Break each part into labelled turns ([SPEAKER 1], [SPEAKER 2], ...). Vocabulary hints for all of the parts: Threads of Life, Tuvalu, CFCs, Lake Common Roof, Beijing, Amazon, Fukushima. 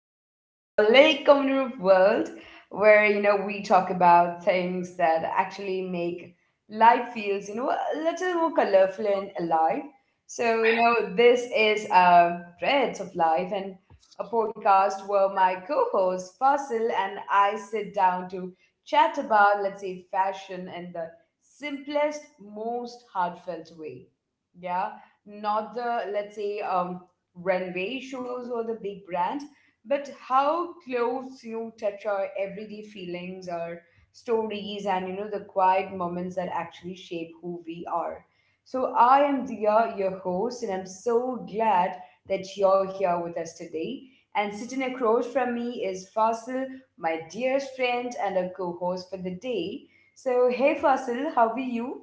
[SPEAKER 1] welcome to our Lake Common Roof world, where we talk about things that actually make life feels a little more colorful and alive. So this is Threads of Life, and a podcast where my co-host Fasil and I sit down to chat about, let's say, fashion in the simplest, most heartfelt way. Yeah, not the, let's say, runway shows or the big brands, but how close you touch our everyday feelings, our stories, and the quiet moments that actually shape who we are. So I am Dia, your host, and I'm so glad that you're here with us today. And sitting across from me is Fasil, my dearest friend and a co-host for the day. So hey Fasil, how are you?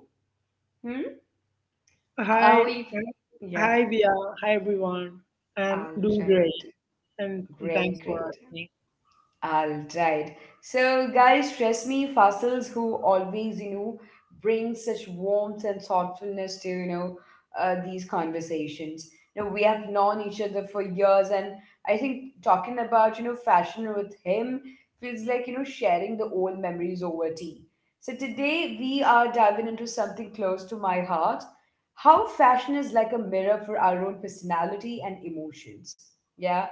[SPEAKER 1] Hmm?
[SPEAKER 2] Hi,
[SPEAKER 1] How are we?
[SPEAKER 2] hi,
[SPEAKER 1] Yeah,
[SPEAKER 2] Via. Hi, everyone.
[SPEAKER 1] all
[SPEAKER 2] I'm doing
[SPEAKER 1] right.
[SPEAKER 2] great, and
[SPEAKER 1] Great,
[SPEAKER 2] thanks
[SPEAKER 1] great.
[SPEAKER 2] for asking.
[SPEAKER 1] All right. So, guys, trust me, fossils who always, bring such warmth and thoughtfulness to, these conversations. We have known each other for years, and I think talking about, fashion with him feels like, sharing the old memories over tea. So, today we are diving into something close to my heart: how fashion is like a mirror for our own personality and emotions. Yeah?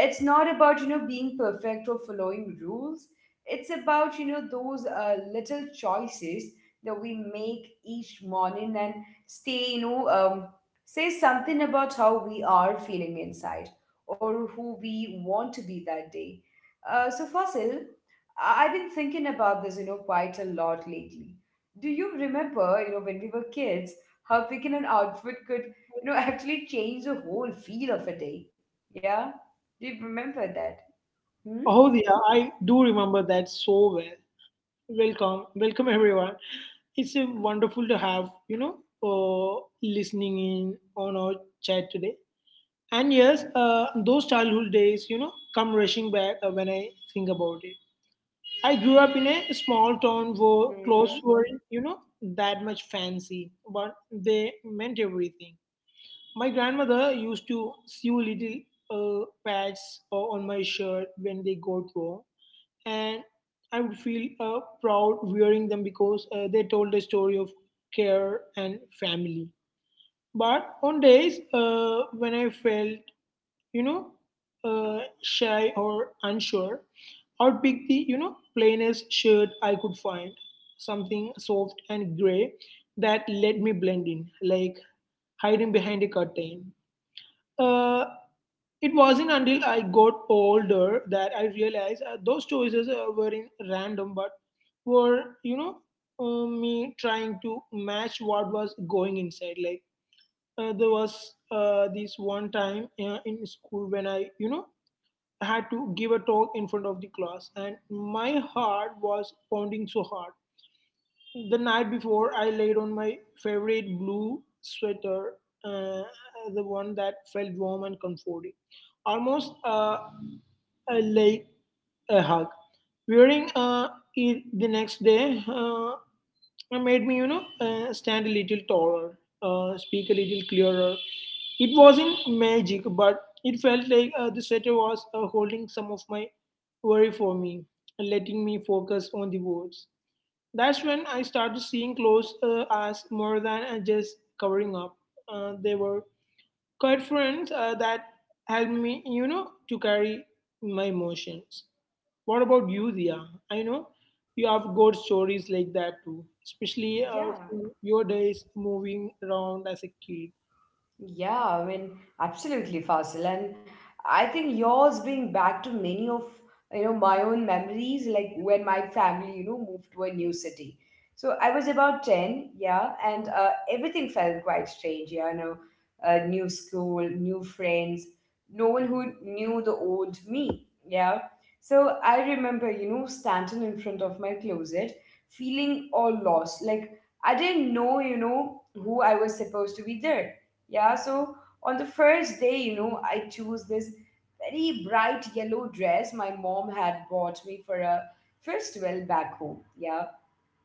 [SPEAKER 1] It's not about being perfect or following rules. It's about those little choices that we make each morning and stay, say something about how we are feeling inside or who we want to be that day. So Fasil, I've been thinking about this, quite a lot lately. Do you remember, when we were kids, how picking an outfit could, actually change the whole feel of a day? Yeah, do you remember that? Hmm?
[SPEAKER 2] Oh, Via, I do remember that so well. Welcome, welcome, everyone. It's wonderful to have listening in on our chat today. And yes, those childhood days, come rushing back when I think about it. I grew up in a small town where clothes
[SPEAKER 1] Mm-hmm.
[SPEAKER 2] weren't, that much fancy, but they meant everything. My grandmother used to sew little pads on my shirt when they got warm, and I would feel proud wearing them because they told a story of care and family. But on days when I felt, you know, shy or unsure, I would pick the, plainest shirt I could find, something soft and gray that let me blend in, like hiding behind a curtain. Uh, it wasn't until I got older that I realized those choices were in random, but were me trying to match what was going inside. Like there was this one time in school when I had to give a talk in front of the class, and my heart was pounding so hard the night before, I laid on my favorite blue sweater, uh, the one that felt warm and comforting, almost like a hug. Wearing it the next day made me, stand a little taller, speak a little clearer. It wasn't magic, but it felt like the sweater was holding some of my worry for me, letting me focus on the words. That's when I started seeing clothes as more than just covering up. They were quite friends that helped me, to carry my emotions. What about you, Dia? I know you have good stories like that too, especially
[SPEAKER 1] Yeah.
[SPEAKER 2] from your days moving around as a kid.
[SPEAKER 1] Yeah, I mean, absolutely, Fasil. And I think yours bring back to many of my own memories, like when my family, moved to a new city. So I was about 10, yeah, and everything felt quite strange, yeah, new school, new friends, no one who knew the old me, yeah. So I remember, standing in front of my closet, feeling all lost, like I didn't know, who I was supposed to be there. Yeah, so on the first day, I chose this very bright yellow dress my mom had bought me for a festival back home. Yeah.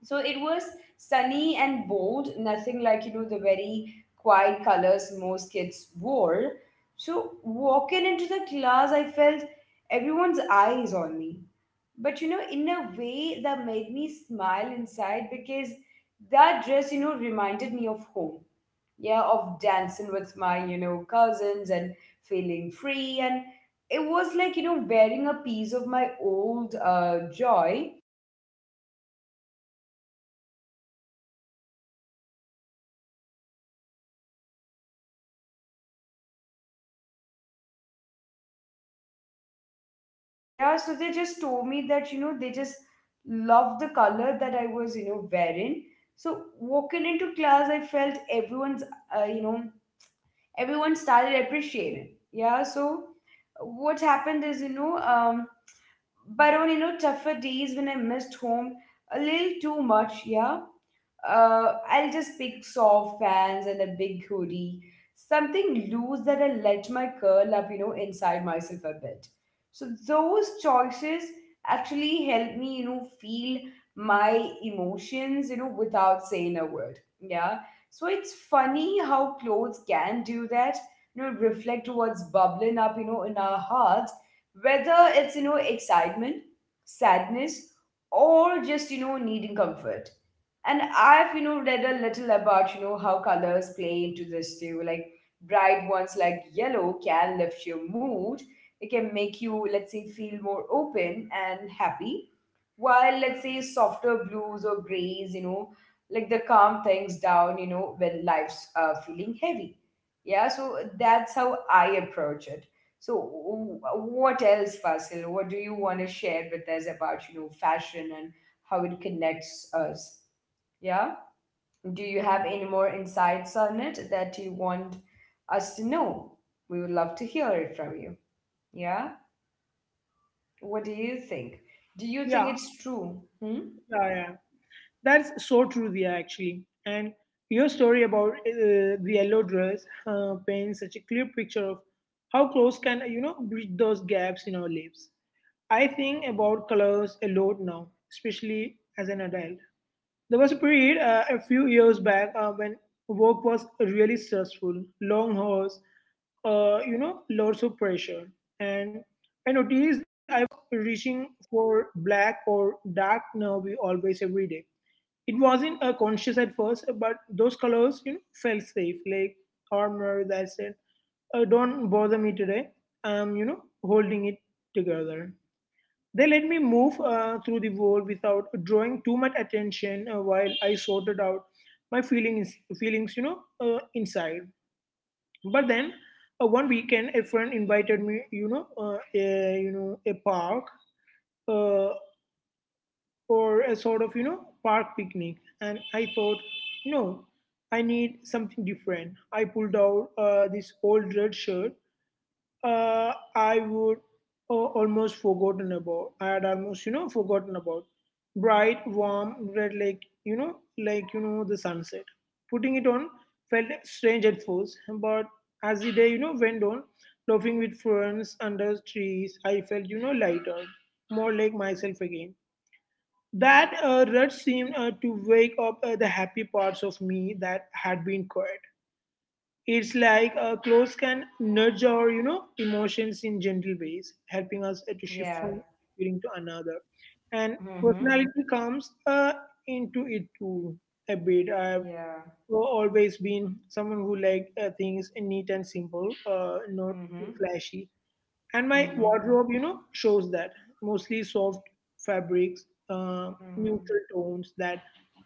[SPEAKER 1] So it was sunny and bold, nothing like, the very quiet colors most kids wore. So walking into the class, I felt everyone's eyes on me. But, in a way that made me smile inside, because that dress, reminded me of home, yeah, of dancing with my, cousins and feeling free. And it was like, wearing a piece of my old joy. Yeah, so they just told me that, they just loved the color that I was, wearing. So walking into class, I felt everyone's, uh, you know, everyone started appreciating. Yeah, so what happened is, but on, tougher days when I missed home a little too much, yeah, I'll just pick soft pants and a big hoodie, something loose that I let my curl up, inside myself a bit. So those choices actually help me, feel my emotions, without saying a word. Yeah. So it's funny how clothes can do that, reflect what's bubbling up, in our hearts, whether it's, excitement, sadness, or just, needing comfort. And I've, read a little about, how colors play into this too. Like bright ones like yellow can lift your mood. It can make you, let's say, feel more open and happy. While, let's say, softer blues or grays, like the calm things down, when life's feeling heavy. Yeah, so that's how I approach it. So, what else, Fasil? What do you want to share with us about, fashion and how it connects us? Yeah. Do you have any more insights on it that you want us to know? We would love to hear it from you. Yeah? What do you think? Do you
[SPEAKER 2] Yeah,
[SPEAKER 1] think it's true? Hmm?
[SPEAKER 2] yeah, yeah. That's so true, Dia, actually. And your story about the yellow dress paints such a clear picture of how clothes can, bridge those gaps in our lives. I think about colors a lot now, especially as an adult. There was a period a few years back when work was really stressful, long hours, lots of pressure. And I noticed I was reaching for black or dark nervy always every day. It wasn't conscious at first, but those colors, felt safe, like armor that said, don't bother me today. I'm, holding it together. They let me move through the wall without drawing too much attention while I sorted out my feelings, inside. But then, one weekend, a friend invited me, a park uh, or a sort of, park picnic, and I thought, no, I need something different. I pulled out this old red shirt I would almost forgotten about. I had almost forgotten about bright, warm red, like the sunset. Putting it on felt strange at first, but as the day went on, laughing with friends under trees, I felt lighter, more like myself again. That red seemed to wake up the happy parts of me that had been quiet. It's like clothes can nudge our, emotions in gentle ways, helping us to
[SPEAKER 1] Yeah.
[SPEAKER 2] shift from feeling to another. And
[SPEAKER 1] Mm-hmm.
[SPEAKER 2] personality comes into it too a bit. I've
[SPEAKER 1] Yeah.
[SPEAKER 2] always been someone who like things neat and simple, not too
[SPEAKER 1] Mm-hmm.
[SPEAKER 2] flashy, and my
[SPEAKER 1] Mm-hmm.
[SPEAKER 2] wardrobe shows that. Mostly soft fabrics
[SPEAKER 1] Mm.
[SPEAKER 2] neutral tones that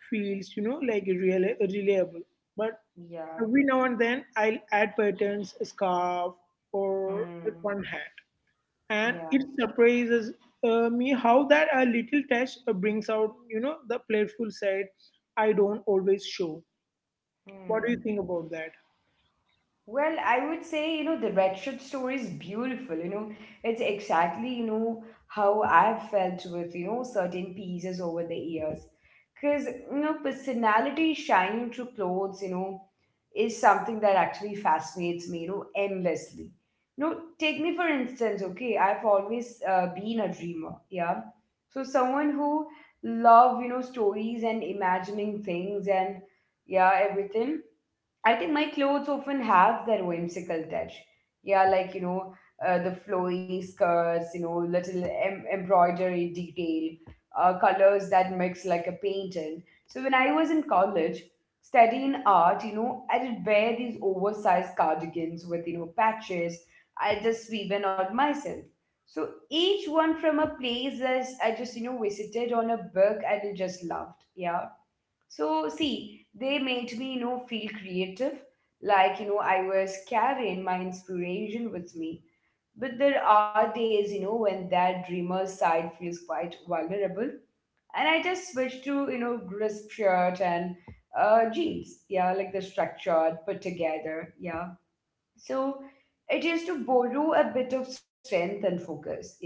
[SPEAKER 2] feels like real reliable. But
[SPEAKER 1] Yeah.
[SPEAKER 2] every now and then I'll add patterns, a scarf or a
[SPEAKER 1] Mm.
[SPEAKER 2] fun hat, and it
[SPEAKER 1] Yeah.
[SPEAKER 2] surprises me how that a little touch brings out the playful side I don't always show. What do you
[SPEAKER 1] Hmm.
[SPEAKER 2] think about that?
[SPEAKER 1] Well, I would say, the red shirt story is beautiful. It's exactly, how I've felt with, certain pieces over the years. Because, personality shining through clothes, is something that actually fascinates me, endlessly. Take me for instance, okay, I've always been a dreamer, yeah. So someone who love, stories and imagining things and, yeah, everything. I think my clothes often have that whimsical touch. Yeah, like, the flowy skirts, little embroidery detail, colors that mix like a painting. So when I was in college studying art, I did wear these oversized cardigans with, patches I just woven on myself. So each one from a place that I just, visited on a book and I just loved. Yeah, so, see, they made me, feel creative, like, I was carrying my inspiration with me. But there are days, when that dreamer side feels quite vulnerable. And I just switched to, crisp shirt and jeans. Yeah, like the structured, put together. Yeah. So it is to borrow a bit of strength and focus. Yeah,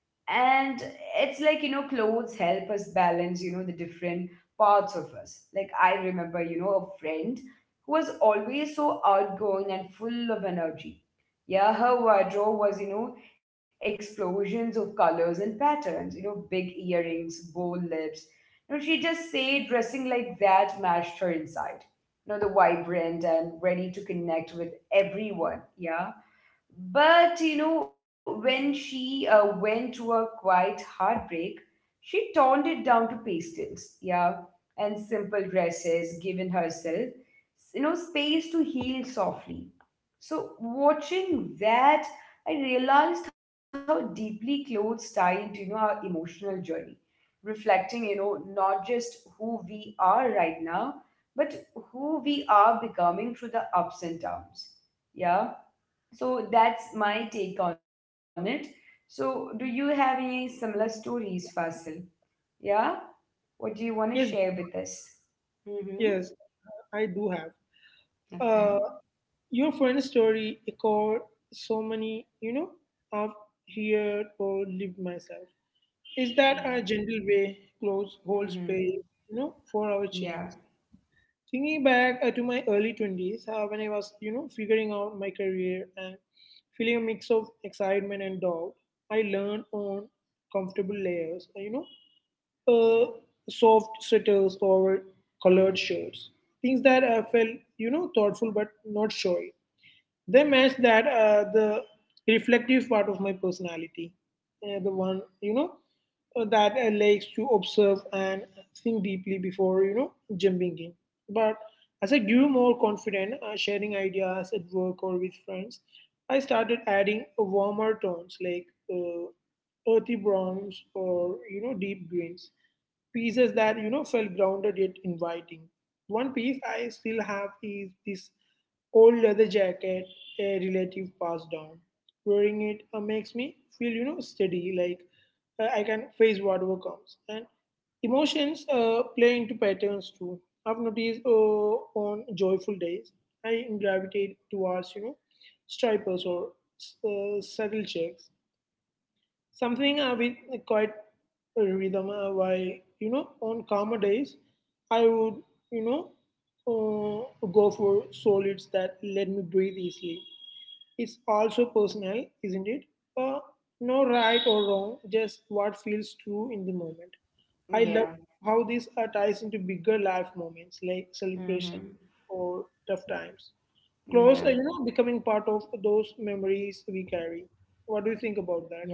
[SPEAKER 1] and it's like, clothes help us balance, the different parts of us. Like I remember, a friend who was always so outgoing and full of energy. Yeah, her wardrobe was, explosions of colors and patterns, big earrings, bold lips. She just said dressing like that matched her inside, the vibrant and ready to connect with everyone. Yeah, but, when she went to a quiet heartbreak, she toned it down to pastels, yeah, and simple dresses, giving herself, space to heal softly. So watching that, I realized how deeply clothes tie into, our emotional journey, reflecting, not just who we are right now, but who we are becoming through the ups and downs. Yeah, so that's my take on it. So, do you have any similar stories, Fasil? Yeah? What do you want to
[SPEAKER 2] Yes,
[SPEAKER 1] share with us? Mm-hmm.
[SPEAKER 2] yes, I do have.
[SPEAKER 1] Okay.
[SPEAKER 2] Uh, Your friend's story echoed so many, I've heard or lived myself. Is
[SPEAKER 1] Yeah.
[SPEAKER 2] that a gentle way close whole
[SPEAKER 1] Mm-hmm.
[SPEAKER 2] space, for our change?
[SPEAKER 1] Yeah.
[SPEAKER 2] Thinking back to my early 20s, when I was, figuring out my career and feeling a mix of excitement and doubt, I learned on comfortable layers, know, uh, soft sweaters or colored shirts. Things that I felt, thoughtful but not showy. They match that the reflective part of my personality, the one that likes to observe and think deeply before jumping in. But as I grew more confident, sharing ideas at work or with friends, I started adding warmer tones like uh, earthy browns or deep greens, pieces that felt grounded yet inviting. One piece I still have is this old leather jacket, a relative passed down. Wearing it makes me feel, steady, like I can face whatever comes. And emotions play into patterns too. I've noticed on joyful days, I gravitate towards, stripers or subtle checks, something with quite a rhythm. Why on calmer days, I would you know go for solids that let me breathe easily. It's also personal, isn't it? Uh, no right or wrong, just what feels true in the moment. I love
[SPEAKER 1] Yeah.
[SPEAKER 2] how this ties into bigger life moments like celebration
[SPEAKER 1] Mm-hmm.
[SPEAKER 2] or tough times. Clothes, are
[SPEAKER 1] Yeah.
[SPEAKER 2] becoming part of those memories we carry. What do you think
[SPEAKER 1] Yeah.
[SPEAKER 2] about that?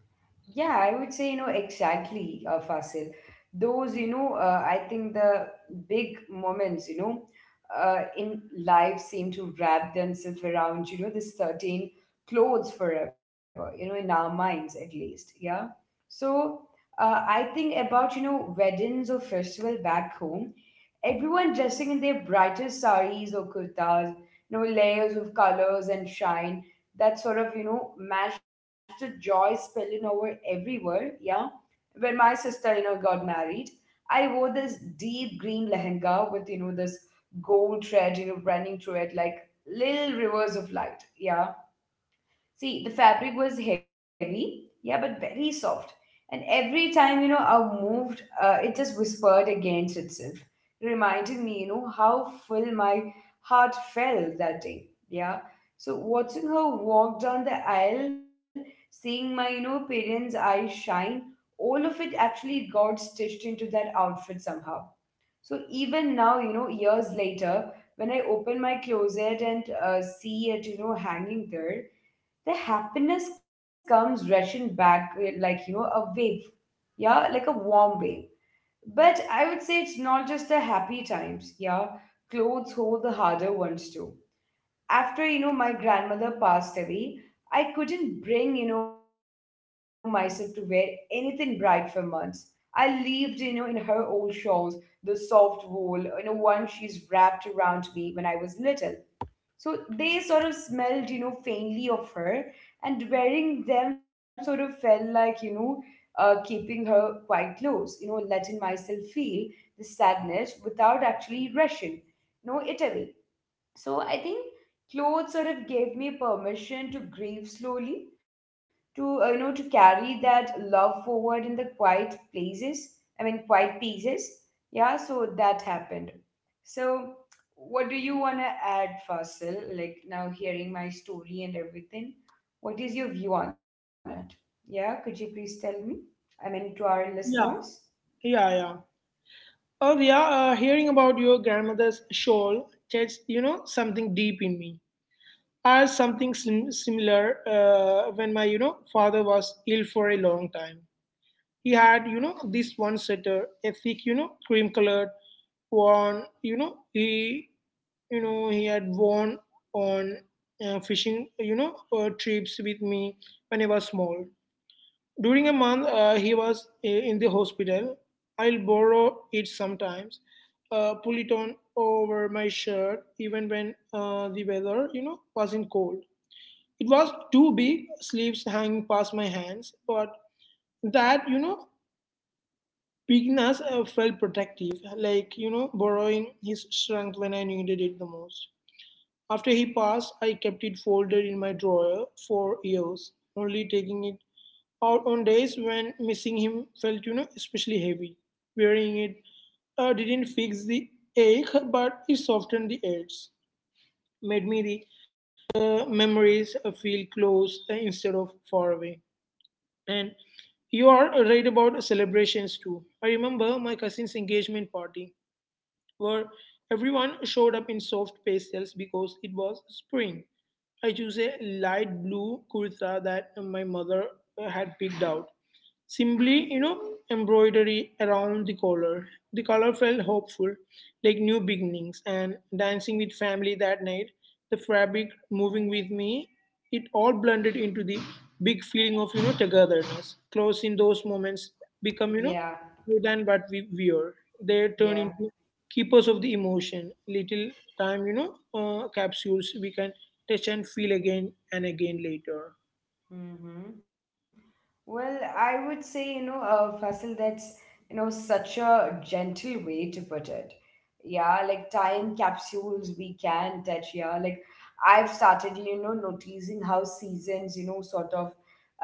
[SPEAKER 1] Yeah, I would say, exactly, Fasil. Those, I think the big moments, in life seem to wrap themselves around, this certain clothes forever, in our minds at least. Yeah. So I think about, weddings or festival back home, everyone dressing in their brightest saris or kurtas, layers of colors and shine that sort of, matched the joy spilling over everywhere. Yeah. When my sister, got married, I wore this deep green lehenga with, this gold thread, running through it like little rivers of light. Yeah. See, the fabric was heavy, yeah, but very soft. And every time, I moved, it just whispered against itself, reminding me, how full my heart felt that day. Yeah. So watching her walk down the aisle, seeing my, parents' eyes shine, all of it actually got stitched into that outfit somehow. So even now, years later, when I open my closet and see it, hanging there, the happiness comes rushing back with, like, a wave. Yeah, like a warm wave. But I would say it's not just the happy times. Yeah, clothes hold the harder ones too. After my grandmother passed away, I couldn't bring myself to wear anything bright for months. I lived in her old shawls, the soft wool one she's wrapped around me when I was little. So they sort of smelled, faintly of her, and wearing them sort of felt like, keeping her quite close, letting myself feel the sadness without actually rushing it away. So I think clothes sort of gave me permission to grieve slowly, to to carry that love forward in the quiet places. I mean, quiet pieces. Yeah, so that happened. So what do you want to add, Fasil, like now, hearing my story and everything? What is your view on it? Yeah, could you please tell me? I mean, to our listeners.
[SPEAKER 2] Yeah, yeah. Oh, yeah. Hearing about your grandmother's shawl touched, something deep in me. I had something similar when my, father was ill for a long time. He had, this one sweater, a thick, cream-colored one. He had worn on fishing, trips with me when I was small. During a month, he was in the hospital. I'll borrow it sometimes, pull it on over my shirt, even when the weather, wasn't cold. It was too big, sleeves hanging past my hands, but that, bigness felt protective, like, borrowing his strength when I needed it the most. After he passed, I kept it folded in my drawer for years, only taking it out on days when missing him felt, especially heavy. Wearing it didn't fix the ache, but it softened the edge, made me the memories feel close instead of far away. And you are right about celebrations too. I remember my cousin's engagement party where everyone showed up in soft pastels because it was spring. I chose a light blue kurta that my mother had picked out. Simply, embroidery around the collar. The color felt hopeful, like new beginnings, and dancing with family that night, the fabric moving with me, it all blended into the big feeling of, togetherness. Clothes in those moments become,
[SPEAKER 1] Yeah,
[SPEAKER 2] more than what we wear. They turn
[SPEAKER 1] yeah.
[SPEAKER 2] into keepers of the emotion, little time, capsules we can touch and feel again and again later.
[SPEAKER 1] Mm-hmm. Well, I would say, Fasil, that's, such a gentle way to put it. Yeah, like time capsules we can touch. Yeah, like I've started, noticing how seasons, sort of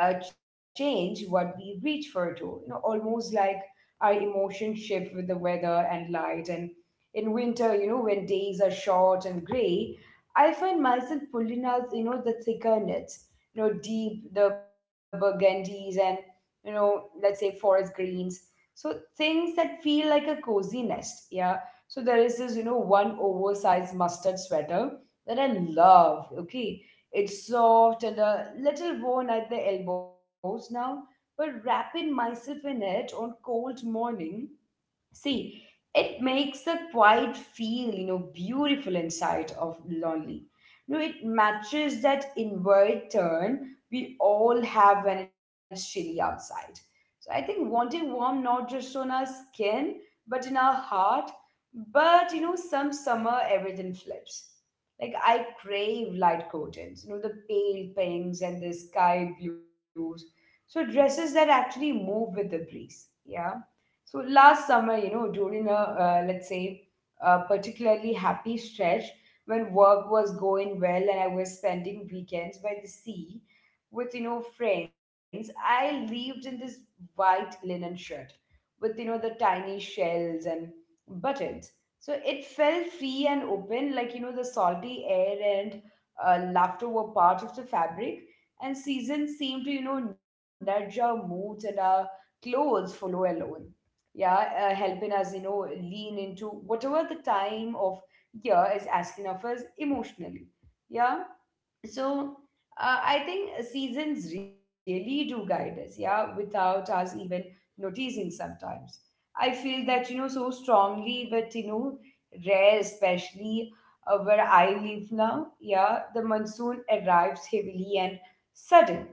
[SPEAKER 1] change what we reach for too. Almost like our emotions shift with the weather and light. And in winter, when days are short and gray, I find myself pulling out, the thicker knit, deep, the burgundies, and let's say forest greens, so things that feel like a cozy nest. Yeah, so there is this one oversized mustard sweater that I love. Okay, it's soft and a little worn at the elbows now, but wrapping myself in it on cold morning. See, it makes the quiet feel, beautiful inside of lonely. It matches that inward turn we all have when it's chilly outside. So I think wanting warm, not just on our skin, but in our heart. But some summer everything flips. Like I crave light curtains, the pale pinks and the sky blues. So dresses that actually move with the breeze. Yeah, so last summer, during a let's say a particularly happy stretch when work was going well and I was spending weekends by the sea with friends, I lived in this white linen shirt with the tiny shells and buttons. So it felt free and open, like the salty air and laughter were part of the fabric, and seasons seemed to nudge our moods and our clothes follow alone, yeah, helping us, lean into whatever the time of year is asking of us emotionally. Yeah, so I think seasons really do guide us. Yeah, without us even noticing sometimes. I feel that so strongly, but rare, especially where I live now. Yeah, the monsoon arrives heavily and sudden,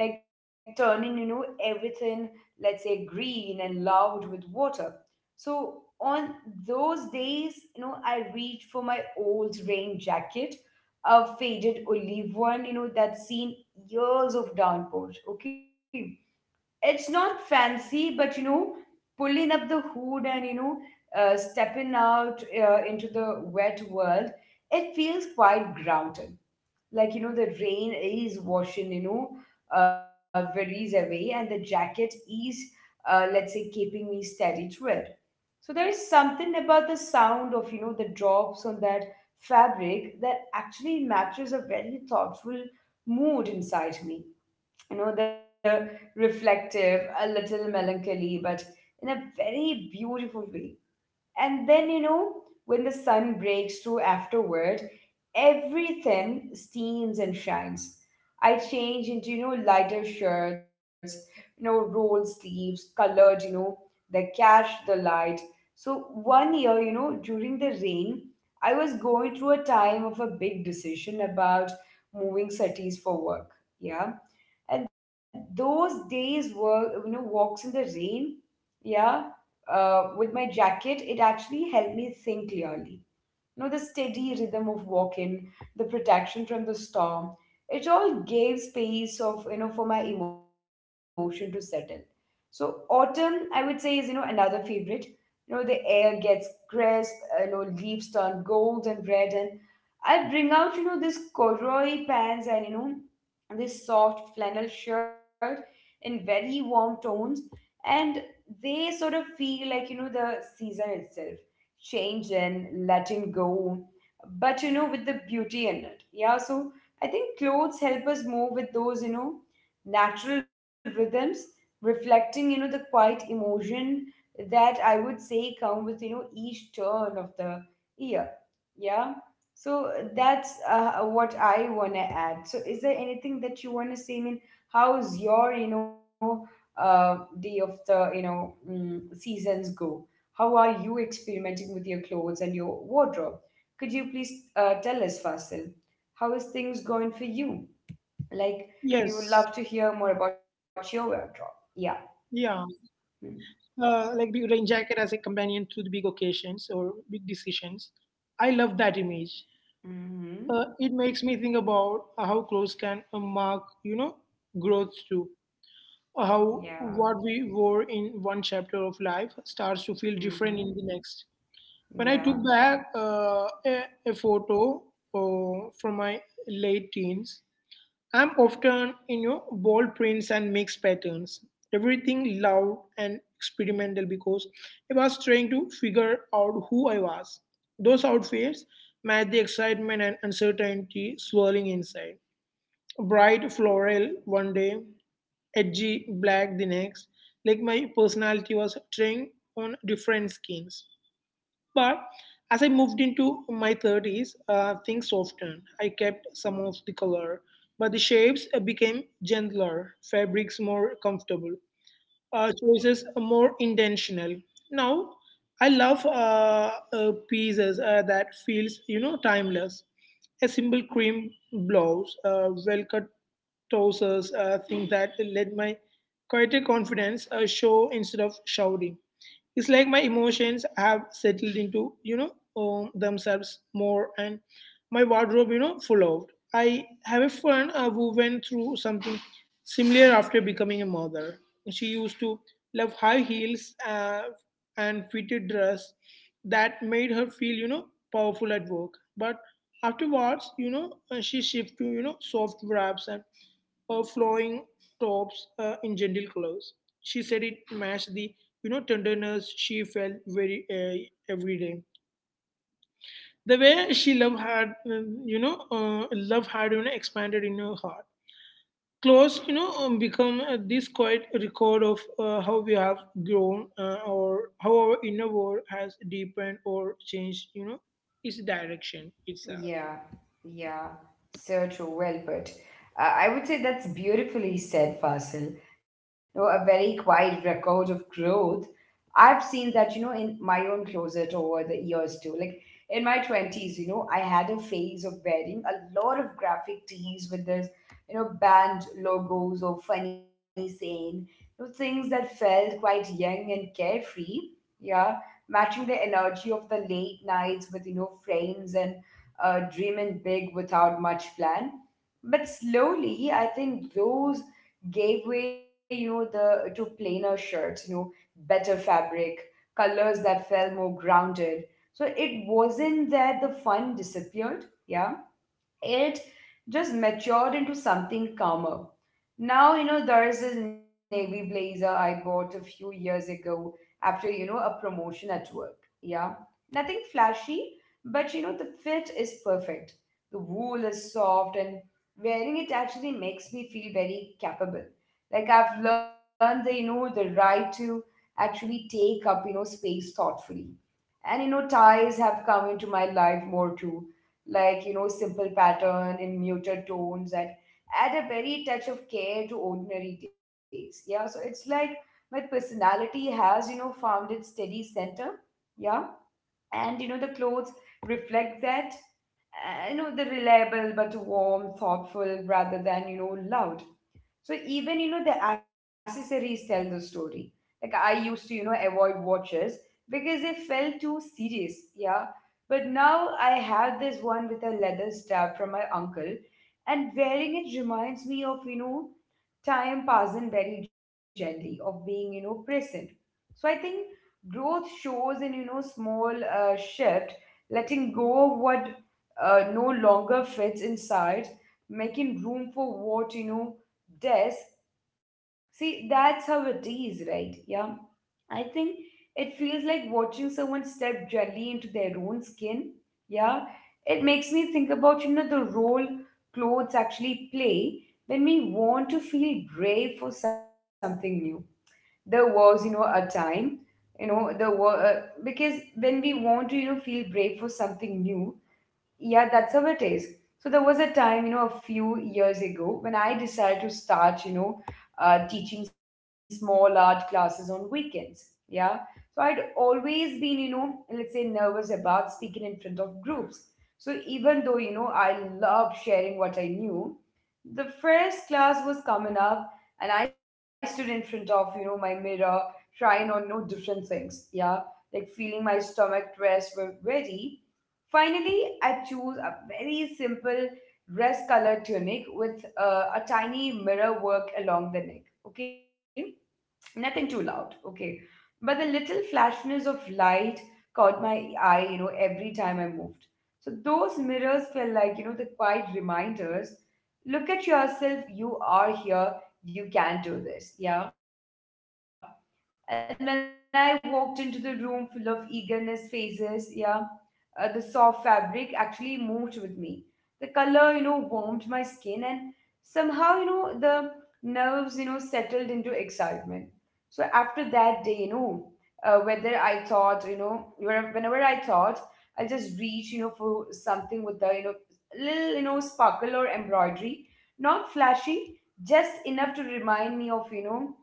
[SPEAKER 1] like turning everything, let's say, green and loud with water. So on those days I reach for my old rain jacket, a faded olive one, that's seen years of downpours. Okay, it's not fancy, but pulling up the hood and stepping out into the wet world, it feels quite grounded. Like, the rain is washing, worries away, and the jacket is, let's say, keeping me steady through it. So there is something about the sound of the drops on that fabric that actually matches a very thoughtful mood inside me. The reflective, a little melancholy, but in a very beautiful way. And then, when the sun breaks through afterward, everything steams and shines. I change into, lighter shirts, roll sleeves, colored, that catch the light. So one year, during the rain, I was going through a time of a big decision about moving cities for work. Yeah. And those days were, walks in the rain, yeah, with my jacket, it actually helped me think clearly. The steady rhythm of walking, the protection from the storm. It all gave space of for my emotion to settle. So autumn, I would say, is another favorite. The air gets crisp. Leaves turn gold and red, and I bring out this corduroy pants and this soft flannel shirt in very warm tones, and they sort of feel like the season itself, change and letting go, but with the beauty in it. Yeah, so I think clothes help us move with those, natural rhythms, reflecting, the quiet emotion that I would say come with, each turn of the year. Yeah. So that's what I want to add. So is there anything that you want to say? I mean, how's your, day of the, seasons go? How are you experimenting with your clothes and your wardrobe? Could you please tell us, Fasil, how is things going for you? Like, we would love
[SPEAKER 2] Yes.
[SPEAKER 1] to hear more about your wardrobe.
[SPEAKER 2] Yeah.
[SPEAKER 1] Yeah.
[SPEAKER 2] Like the rain jacket as a companion to the big occasions or big decisions. I love that image.
[SPEAKER 1] Mm-hmm.
[SPEAKER 2] It makes me think about how clothes can mark, growth too.
[SPEAKER 1] Yeah.
[SPEAKER 2] How what we wore in one chapter of life starts to feel different
[SPEAKER 1] Mm-hmm.
[SPEAKER 2] in the next. When I took
[SPEAKER 1] Yeah.
[SPEAKER 2] back a photo from my late teens, I'm often in your bold prints and mixed patterns. Everything loud and experimental because I was trying to figure out who I was. Those outfits match the excitement and uncertainty swirling inside. Bright floral one day, edgy black the next. Like my personality was trying on different skins. But as I moved into my 30s, things softened. I kept some of the color, but the shapes became gentler, fabrics more comfortable, choices more intentional. Now, I love pieces that feels, timeless. A simple cream blouse, well-cut trousers, things that let my quieter confidence show instead of shouting. It's like my emotions have settled into, themselves more and my wardrobe, full out. I have a friend who went through something similar after becoming a mother. She used to love high heels and fitted dress that made her feel, powerful at work. But afterwards, she shifted to, soft wraps and flowing tops in gentle colors. She said it matched the tenderness she felt very every day. The way she love had expanded in her heart. Clothes become this quiet record of how we have grown or how our inner world has deepened or changed its direction itself.
[SPEAKER 1] Yeah, yeah, so true. Well put. I would say that's beautifully said, Fasil. No, a very quiet record of growth. I've seen that, in my own closet over the years too. Like in my 20s, I had a phase of wearing a lot of graphic tees with this, band logos or funny saying, things that felt quite young and carefree. Yeah, matching the energy of the late nights with, friends and dreaming big without much plan. But slowly, I think those gave way, you know, the to plainer shirts, better fabric, colors that felt more grounded. So it wasn't that the fun disappeared, yeah, it just matured into something calmer. Now, there is this navy blazer I bought a few years ago after, a promotion at work. Yeah. Nothing flashy, but the fit is perfect. The wool is soft and wearing it actually makes me feel very capable. Like I've learned the right to actually take up, space thoughtfully. And ties have come into my life more too, like simple pattern in muted tones that add a very touch of care to ordinary days. Yeah, so it's like my personality has found its steady center. Yeah, and the clothes reflect that. The reliable, but warm, thoughtful, rather than loud. So even the accessories tell the story. Like I used to avoid watches because they felt too serious, yeah. But now I have this one with a leather strap from my uncle, and wearing it reminds me of time passing very gently, of being present. So I think growth shows in small shift, letting go of what no longer fits inside, making room for what does. See, that's how it is, right? Yeah, I think it feels like watching someone step gently into their own skin. Yeah, it makes me think about the role clothes actually play when we want to feel brave for something new. There was a time, you know the were because when we want to feel brave for something new. Yeah, that's how it is. So there was a time, a few years ago, when I decided to start teaching small art classes on weekends. Yeah, so I'd always been, let's say, nervous about speaking in front of groups. So even though I love sharing what I knew, the first class was coming up, and I stood in front of my mirror, trying on no different things, yeah, like feeling my stomach dress were ready. Finally, I chose a very simple dress color tunic with a tiny mirror work along the neck. Okay, nothing too loud. Okay, but the little flashness of light caught my eye every time I moved. So those mirrors felt like, the quiet reminders: look at yourself, you are here, you can do this. Yeah. And when I walked into the room full of eagerness faces, yeah, the soft fabric actually moved with me. The color, warmed my skin, and somehow, the nerves, settled into excitement. So after that day, whether I thought, whenever I thought, I'll just reach, for something with the, little, sparkle or embroidery, not flashy, just enough to remind me of,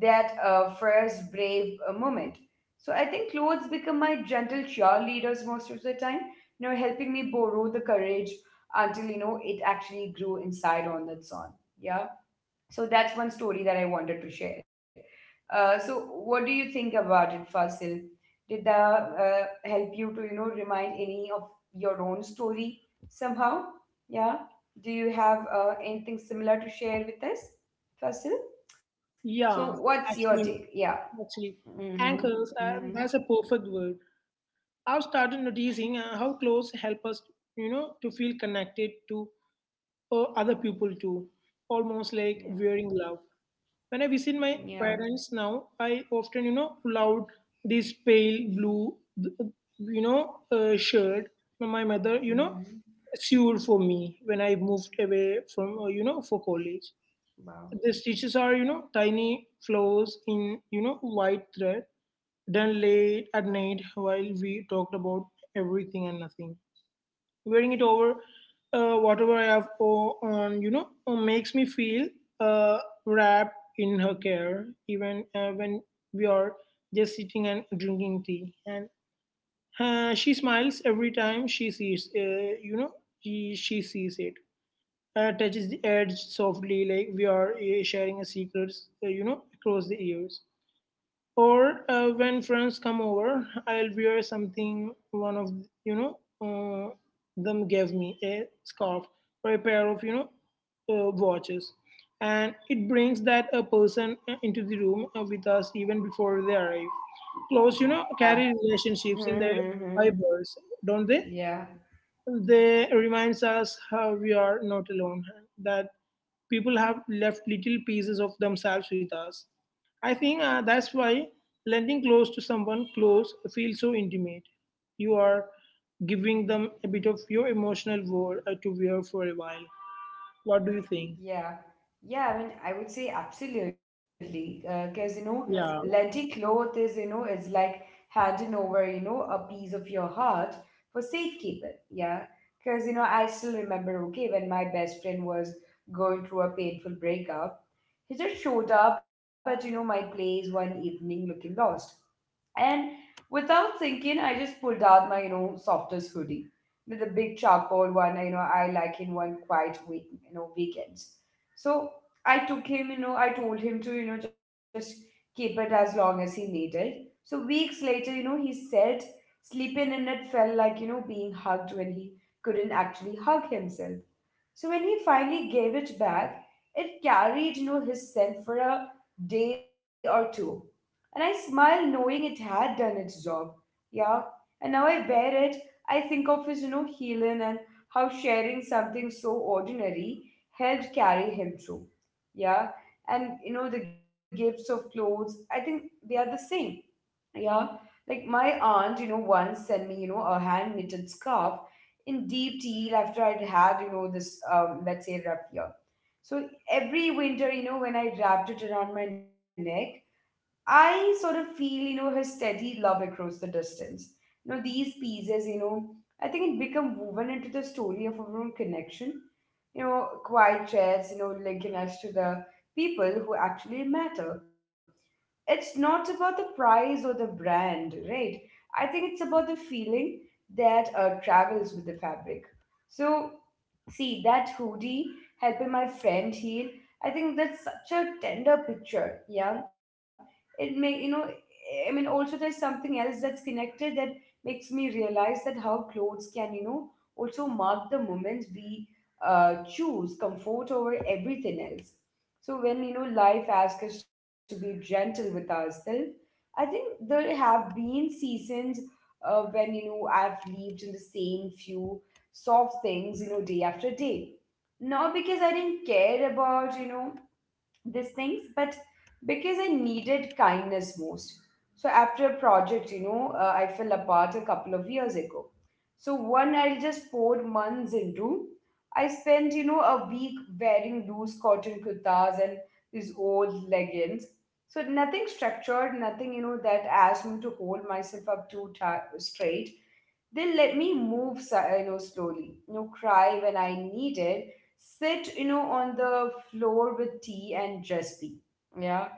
[SPEAKER 1] that first brave moment. So I think clothes become my gentle cheerleaders most of the time, helping me borrow the courage until, it actually grew inside on its own. Yeah. So that's one story that I wanted to share. So what do you think about it, Fasil? Did that help you to, remind any of your own story somehow? Yeah. Do you have anything similar to share with us, Fasil? So
[SPEAKER 2] Yeah,
[SPEAKER 1] what's your
[SPEAKER 2] actually,
[SPEAKER 1] take? Yeah.
[SPEAKER 2] actually,
[SPEAKER 1] Mm-hmm.
[SPEAKER 2] anchors.
[SPEAKER 1] Mm-hmm.
[SPEAKER 2] That's a perfect word. I've started noticing how clothes help us, to feel connected to other people too, almost like wearing
[SPEAKER 1] Yeah.
[SPEAKER 2] love. When I visit my
[SPEAKER 1] Yeah.
[SPEAKER 2] parents now, I often, pull out this pale blue, shirt my mother,
[SPEAKER 1] Mm-hmm.
[SPEAKER 2] sewed for me when I moved away from, for college. The
[SPEAKER 1] Wow.
[SPEAKER 2] stitches are, tiny flowers in, white thread done late at night while we talked about everything and nothing. Wearing it over whatever I have on, makes me feel uh, wrapped in her care, even when we are just sitting and drinking tea. And she smiles every time she sees, you know, she sees it. Touches the edge softly, like we are sharing a secrets, across the years. Or when friends come over I'll wear something one of you know uh, them gave me, a scarf or a pair of watches, and it brings that a person into the room with us even before they arrive. Close
[SPEAKER 1] Yeah.
[SPEAKER 2] carry relationships in their
[SPEAKER 1] Mm-hmm.
[SPEAKER 2] fibers, don't they
[SPEAKER 1] Yeah.
[SPEAKER 2] they reminds us how we are not alone, that people have left little pieces of themselves with us. I think that's why lending clothes to someone close feels so intimate. You are giving them a bit of your emotional world to wear for a while. What do you think?
[SPEAKER 1] Yeah. Yeah, I mean, I would say absolutely. Because,
[SPEAKER 2] Yeah,
[SPEAKER 1] lending cloth is like handing over, a piece of your heart for safekeeping. Yeah. Because, I still remember, okay, when my best friend was going through a painful breakup. He just showed up at, my place one evening looking lost. And without thinking, I just pulled out my, softest hoodie. The big charcoal one, I like in one quiet week, weekends. So I took him, you know, I told him to, just keep it as long as he needed. So weeks later, he said sleeping in it felt like, being hugged when he couldn't actually hug himself. So when he finally gave it back, it carried, his scent for a day or two. And I smiled knowing it had done its job. Yeah. And now I wear it, I think of his, healing and how sharing something so ordinary helped carry him through. Yeah. And the gifts of clothes, I think they are the same. Yeah. Like my aunt, once sent me, a hand knitted scarf in deep teal after I'd had, this, let's say, rough year. So every winter, when I wrapped it around my neck, I sort of feel, her steady love across the distance. These pieces, I think it become woven into the story of our own connection. Quiet chats, linking us to the people who actually matter. It's not about the price or the brand, right? I think it's about the feeling that travels with the fabric. So see that hoodie helping my friend heal. I think that's such a tender picture. Yeah, it may. I mean, also there's something else that's connected that makes me realize that how clothes can also mark the moments we choose comfort over everything else. So when life asks us to be gentle with ourselves, I think there have been seasons when I've lived in the same few solve things, day after day. Not because I didn't care about, these things, but because I needed kindness most. So after a project, I fell apart a couple of years ago. So one I just poured months into. I spent, a week wearing loose cotton kurtas and these old leggings. So nothing structured, nothing, that asked me to hold myself up too tight straight. They'll let me move, slowly, cry when I need it, sit, on the floor with tea and just be. Yeah.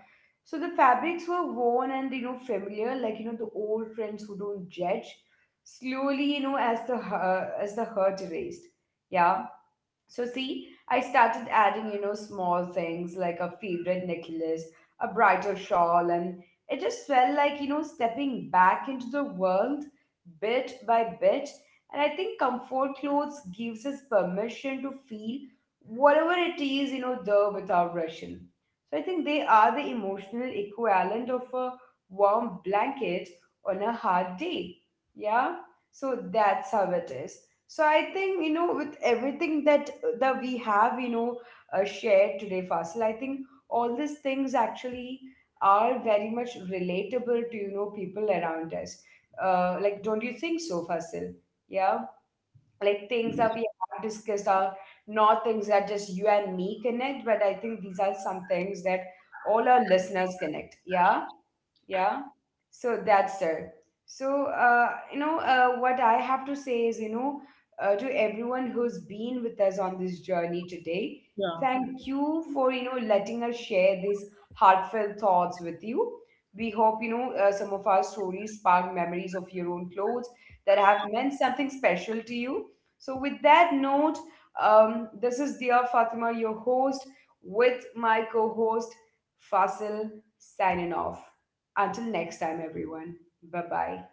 [SPEAKER 1] So the fabrics were worn and, familiar, like, the old friends who don't judge. Slowly, as the hurt erased. Yeah. So see, I started adding, small things like a favorite necklace, a brighter shawl, and it just felt like, stepping back into the world bit by bit. And I think comfort clothes gives us permission to feel whatever it is, there without rushing. So I think they are the emotional equivalent of a warm blanket on a hard day. Yeah. So that's how it is. So I think with everything that we have shared today, Fasil, I think all these things actually are very much relatable to people around us. Like, don't you think so, Fasil? Yeah, like things that we have discussed are not things that just you and me connect, but I think these are some things that all our listeners connect. Yeah, yeah. So that's it. So what I have to say is to everyone who's been with us on this journey today,
[SPEAKER 2] yeah.
[SPEAKER 1] thank you for letting us share these heartfelt thoughts with you. We hope some of our stories spark memories of your own clothes that have meant something special to you. So with that note, this is dear Fatima, your host, with my co-host Fasil, signing off until next time, everyone. Bye bye.